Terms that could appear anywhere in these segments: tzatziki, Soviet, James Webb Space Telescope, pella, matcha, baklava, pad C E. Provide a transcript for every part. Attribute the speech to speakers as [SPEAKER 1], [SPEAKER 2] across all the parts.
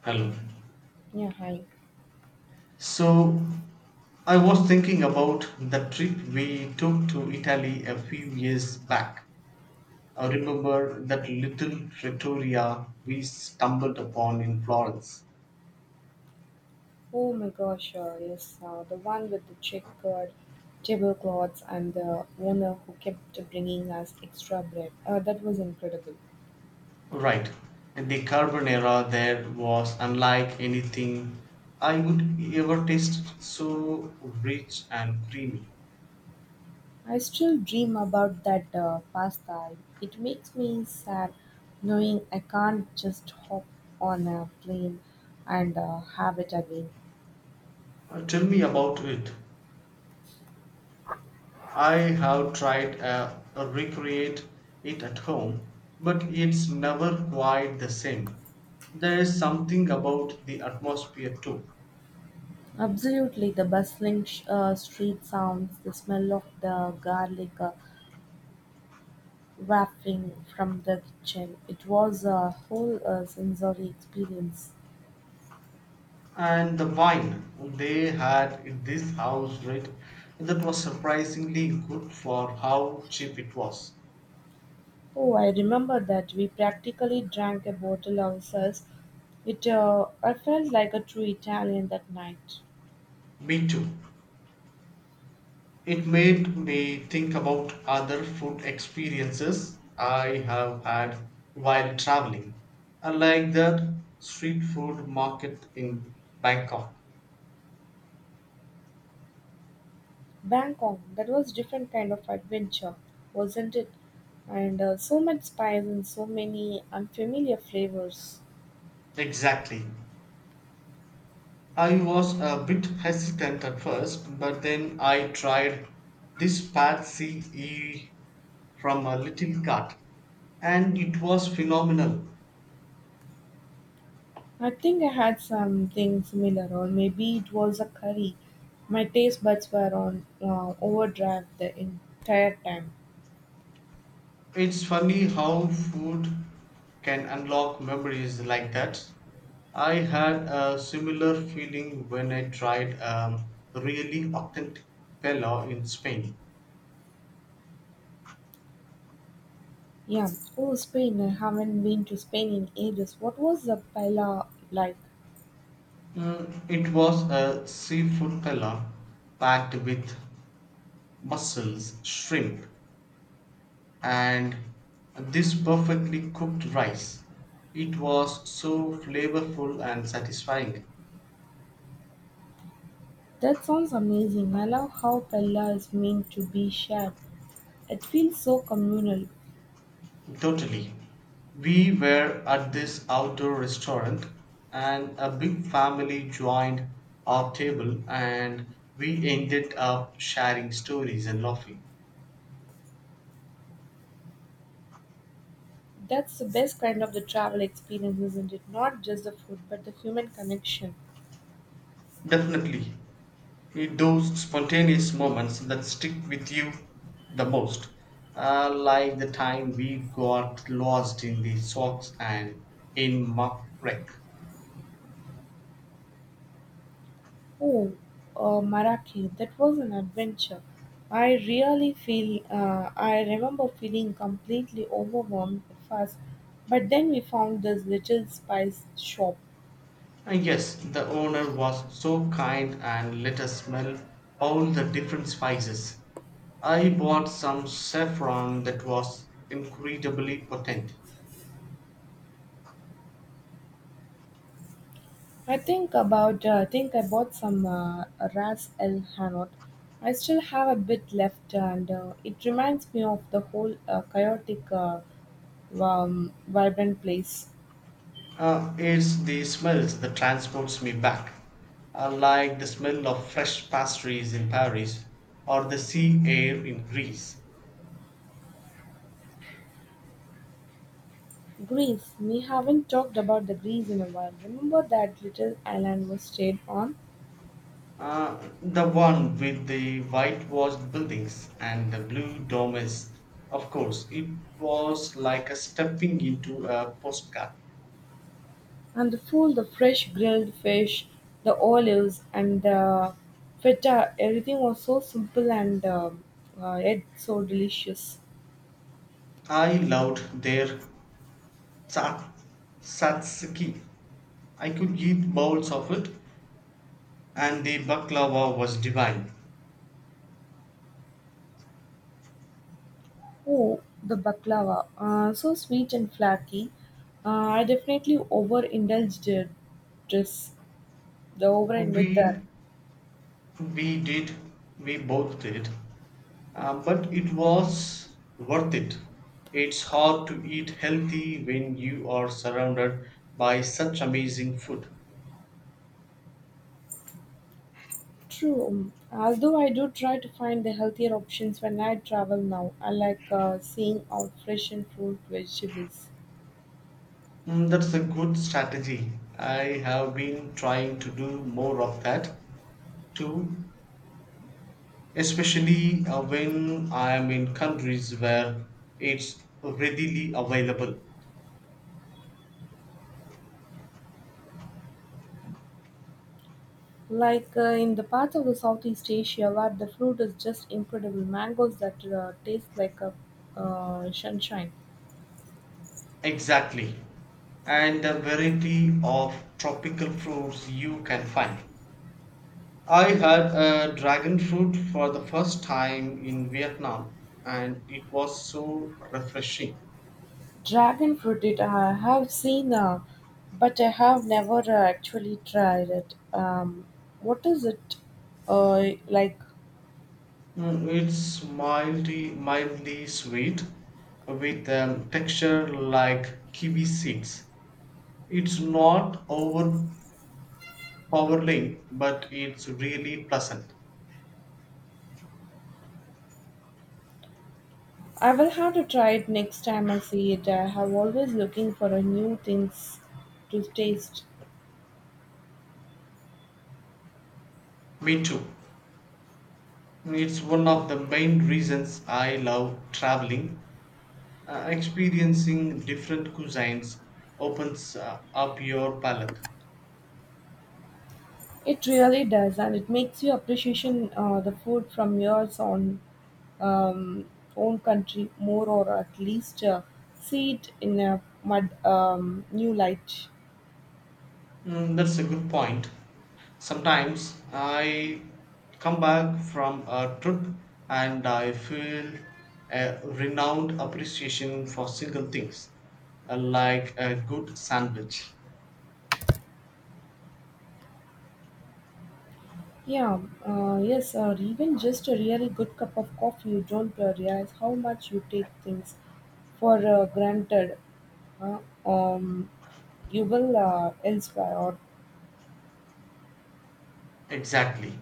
[SPEAKER 1] Hello.
[SPEAKER 2] Yeah, hi.
[SPEAKER 1] So I was thinking about the trip we took to Italy a few years back. I remember that little trattoria we stumbled upon in Florence.
[SPEAKER 2] Oh my gosh, yes, the one with the checkered tablecloths and the owner who kept bringing us extra bread. That was incredible.
[SPEAKER 1] Right. The carbonara there was unlike anything I would ever taste, so rich and creamy.
[SPEAKER 2] I still dream about that pasta. It makes me sad knowing I can't just hop on a plane and have it again.
[SPEAKER 1] Tell me about it. I have tried recreate it at home, but it's never quite the same. There is something about the atmosphere too.
[SPEAKER 2] Absolutely, the bustling street sounds, the smell of the garlic. Wafting from the kitchen, it was a whole sensory experience.
[SPEAKER 1] And the wine they had in this house, right? That was surprisingly good for how cheap it was.
[SPEAKER 2] Oh, I remember that we practically drank a bottle ourselves. It I felt like a true Italian that night.
[SPEAKER 1] Me too. It made me think about other food experiences I have had while traveling, like that street food market in Bangkok.
[SPEAKER 2] Bangkok, that was different kind of adventure, wasn't it? And so much spice and so many unfamiliar flavors.
[SPEAKER 1] Exactly. I was a bit hesitant at first, but then I tried this pad C E from a little cart, and it was phenomenal.
[SPEAKER 2] I think I had something similar, or maybe it was a curry. My taste buds were on overdrive the entire time.
[SPEAKER 1] It's funny how food can unlock memories like that. I had a similar feeling when I tried really authentic pella in Spain.
[SPEAKER 2] Yeah. Oh, Spain. I haven't been to Spain in ages. What was the paella like?
[SPEAKER 1] Mm, it was a seafood pella packed with mussels, shrimp, and this perfectly cooked rice. It was so flavorful and satisfying.
[SPEAKER 2] That sounds amazing. I love how paella is meant to be shared. It feels so communal.
[SPEAKER 1] Totally. We were at this outdoor restaurant, and a big family joined our table, and we ended up sharing stories and laughing.
[SPEAKER 2] That's the best kind of the travel experience, isn't it? Not just the food, but the human connection.
[SPEAKER 1] Definitely, those spontaneous moments that stick with you the most, like the time we got lost in the socks and in muck wreck.
[SPEAKER 2] Oh, Marrakech. That was an adventure. I remember feeling completely overwhelmed at first, but then we found this little spice shop.
[SPEAKER 1] Yes, the owner was so kind and let us smell all the different spices. I bought some saffron that was incredibly potent.
[SPEAKER 2] I think I bought some Ras El Hanout. I still have a bit left, and it reminds me of the whole chaotic, vibrant place.
[SPEAKER 1] It's the smells that transports me back, like the smell of fresh pastries in Paris or the sea air in Greece.
[SPEAKER 2] Greece. We haven't talked about the Greece in a while. Remember that little island we stayed on,
[SPEAKER 1] The one with the whitewashed buildings and the blue domes. Of course, it was like a stepping into a postcard.
[SPEAKER 2] and the food, the fresh grilled fish, the olives, and the feta. Everything was so simple and yet so delicious.
[SPEAKER 1] I loved their tsa- tzatziki. I could eat bowls of it, and the baklava was divine.
[SPEAKER 2] Oh, the baklava. So sweet and flaky. I definitely overindulged it. Just the overindulged there.
[SPEAKER 1] We We did, we both did. But it was worth it. It's hard to eat healthy when you are surrounded by such amazing food.
[SPEAKER 2] True. Although I do try to find the healthier options when I travel now. I like seeing out fresh and fruit vegetables.
[SPEAKER 1] Mm, that's a good strategy. I have been trying to do more of that too, especially when I am in countries where it's readily available.
[SPEAKER 2] Like in the part of the Southeast Asia where the fruit is just incredible. Mangoes that taste like a sunshine.
[SPEAKER 1] Exactly. And the variety of tropical fruits you can find. I had a dragon fruit for the first time in Vietnam, and it was so refreshing.
[SPEAKER 2] Dragon fruit it I have seen, but I have never actually tried it. What is it like?
[SPEAKER 1] Mm, it's mildly sweet with texture like kiwi seeds. It's not overpowering, but it's really pleasant.
[SPEAKER 2] I will have to try it next time I see it. I have always looking for a new things to taste.
[SPEAKER 1] Me too. It's one of the main reasons I love traveling. Experiencing different cuisines opens up your palate.
[SPEAKER 2] It really does, and it makes you appreciation the food from your um, own country more, or at least see it in a mud new light.
[SPEAKER 1] Mm, that's a good point. Sometimes I come back from a trip and I feel a renewed appreciation for single things, like a good sandwich.
[SPEAKER 2] Yeah, yes, or even just a really good cup of coffee, you don't realize how much you take things for granted. Uh, um, you will elsewhere, or
[SPEAKER 1] Exactly.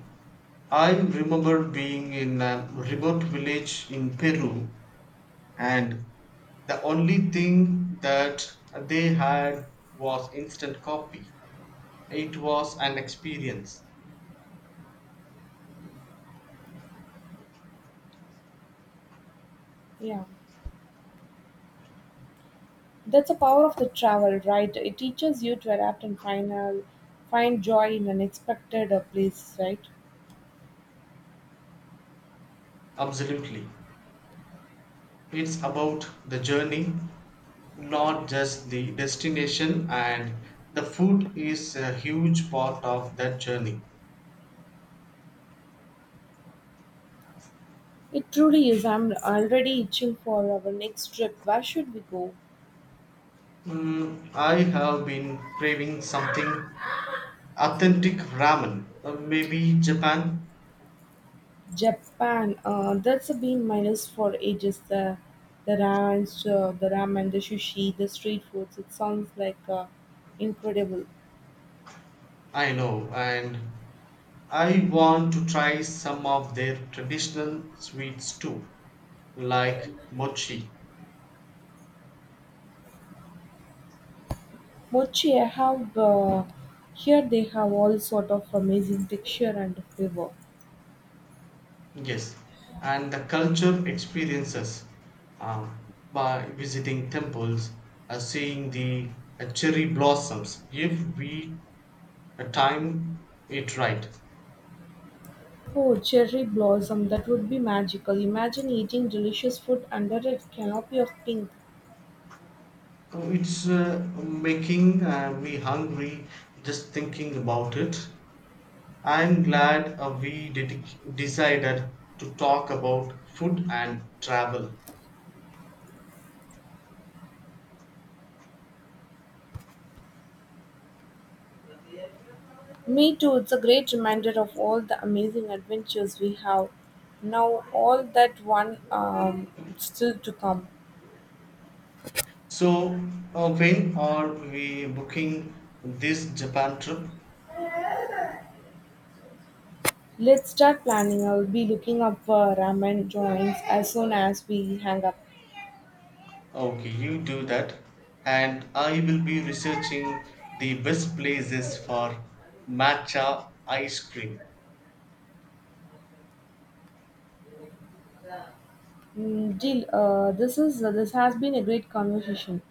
[SPEAKER 1] I remember being in a remote village in Peru, and the only thing that they had was instant coffee. It was an experience,
[SPEAKER 2] yeah, that's the power of the travel, right? It teaches you to adapt and find joy in unexpected places, right?
[SPEAKER 1] absolutely. It's about the journey, not just the destination, and the food is a huge part of that journey.
[SPEAKER 2] It truly is. I'm already itching for our next trip. Where should we go?
[SPEAKER 1] Mm, I have been craving something authentic ramen, maybe Japan.
[SPEAKER 2] Japan, that's a been minus for ages. So the ramen, the sushi, the street foods. It sounds like incredible.
[SPEAKER 1] I know, and I want to try some of their traditional sweets too, like mochi.
[SPEAKER 2] Mochi, I have here. They have all sort of amazing texture and flavor.
[SPEAKER 1] Yes, and the culture experiences um, by visiting temples, seeing the cherry blossoms. If we time it right.
[SPEAKER 2] Oh, cherry blossom, that would be magical. Imagine eating delicious food under a canopy of pink.
[SPEAKER 1] Oh, it's making me hungry just thinking about it. I'm glad we decided to talk about food and travel.
[SPEAKER 2] Me too, it's a great reminder of all the amazing adventures we have. Now, all that one still to come.
[SPEAKER 1] So, when are we booking this Japan trip?
[SPEAKER 2] Let's start planning. I'll be looking up for ramen joints as soon as we hang up.
[SPEAKER 1] Okay, you do that, and I will be researching the best places for matcha ice cream.
[SPEAKER 2] Mm, Jill, this has been a great conversation.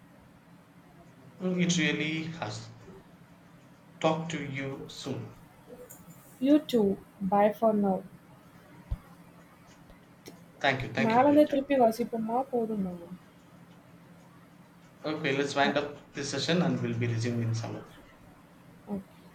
[SPEAKER 1] Mm, it really has. Talk to you soon.
[SPEAKER 2] You too. Bye for now.
[SPEAKER 1] Thank you
[SPEAKER 2] மேல
[SPEAKER 1] for your
[SPEAKER 2] இருந்தே திருப்பி
[SPEAKER 1] time.
[SPEAKER 2] வசிப்போமா போதுமா
[SPEAKER 1] Okay, let's wind
[SPEAKER 2] ah,
[SPEAKER 1] up this session and we'll be resuming in some other.
[SPEAKER 2] okay.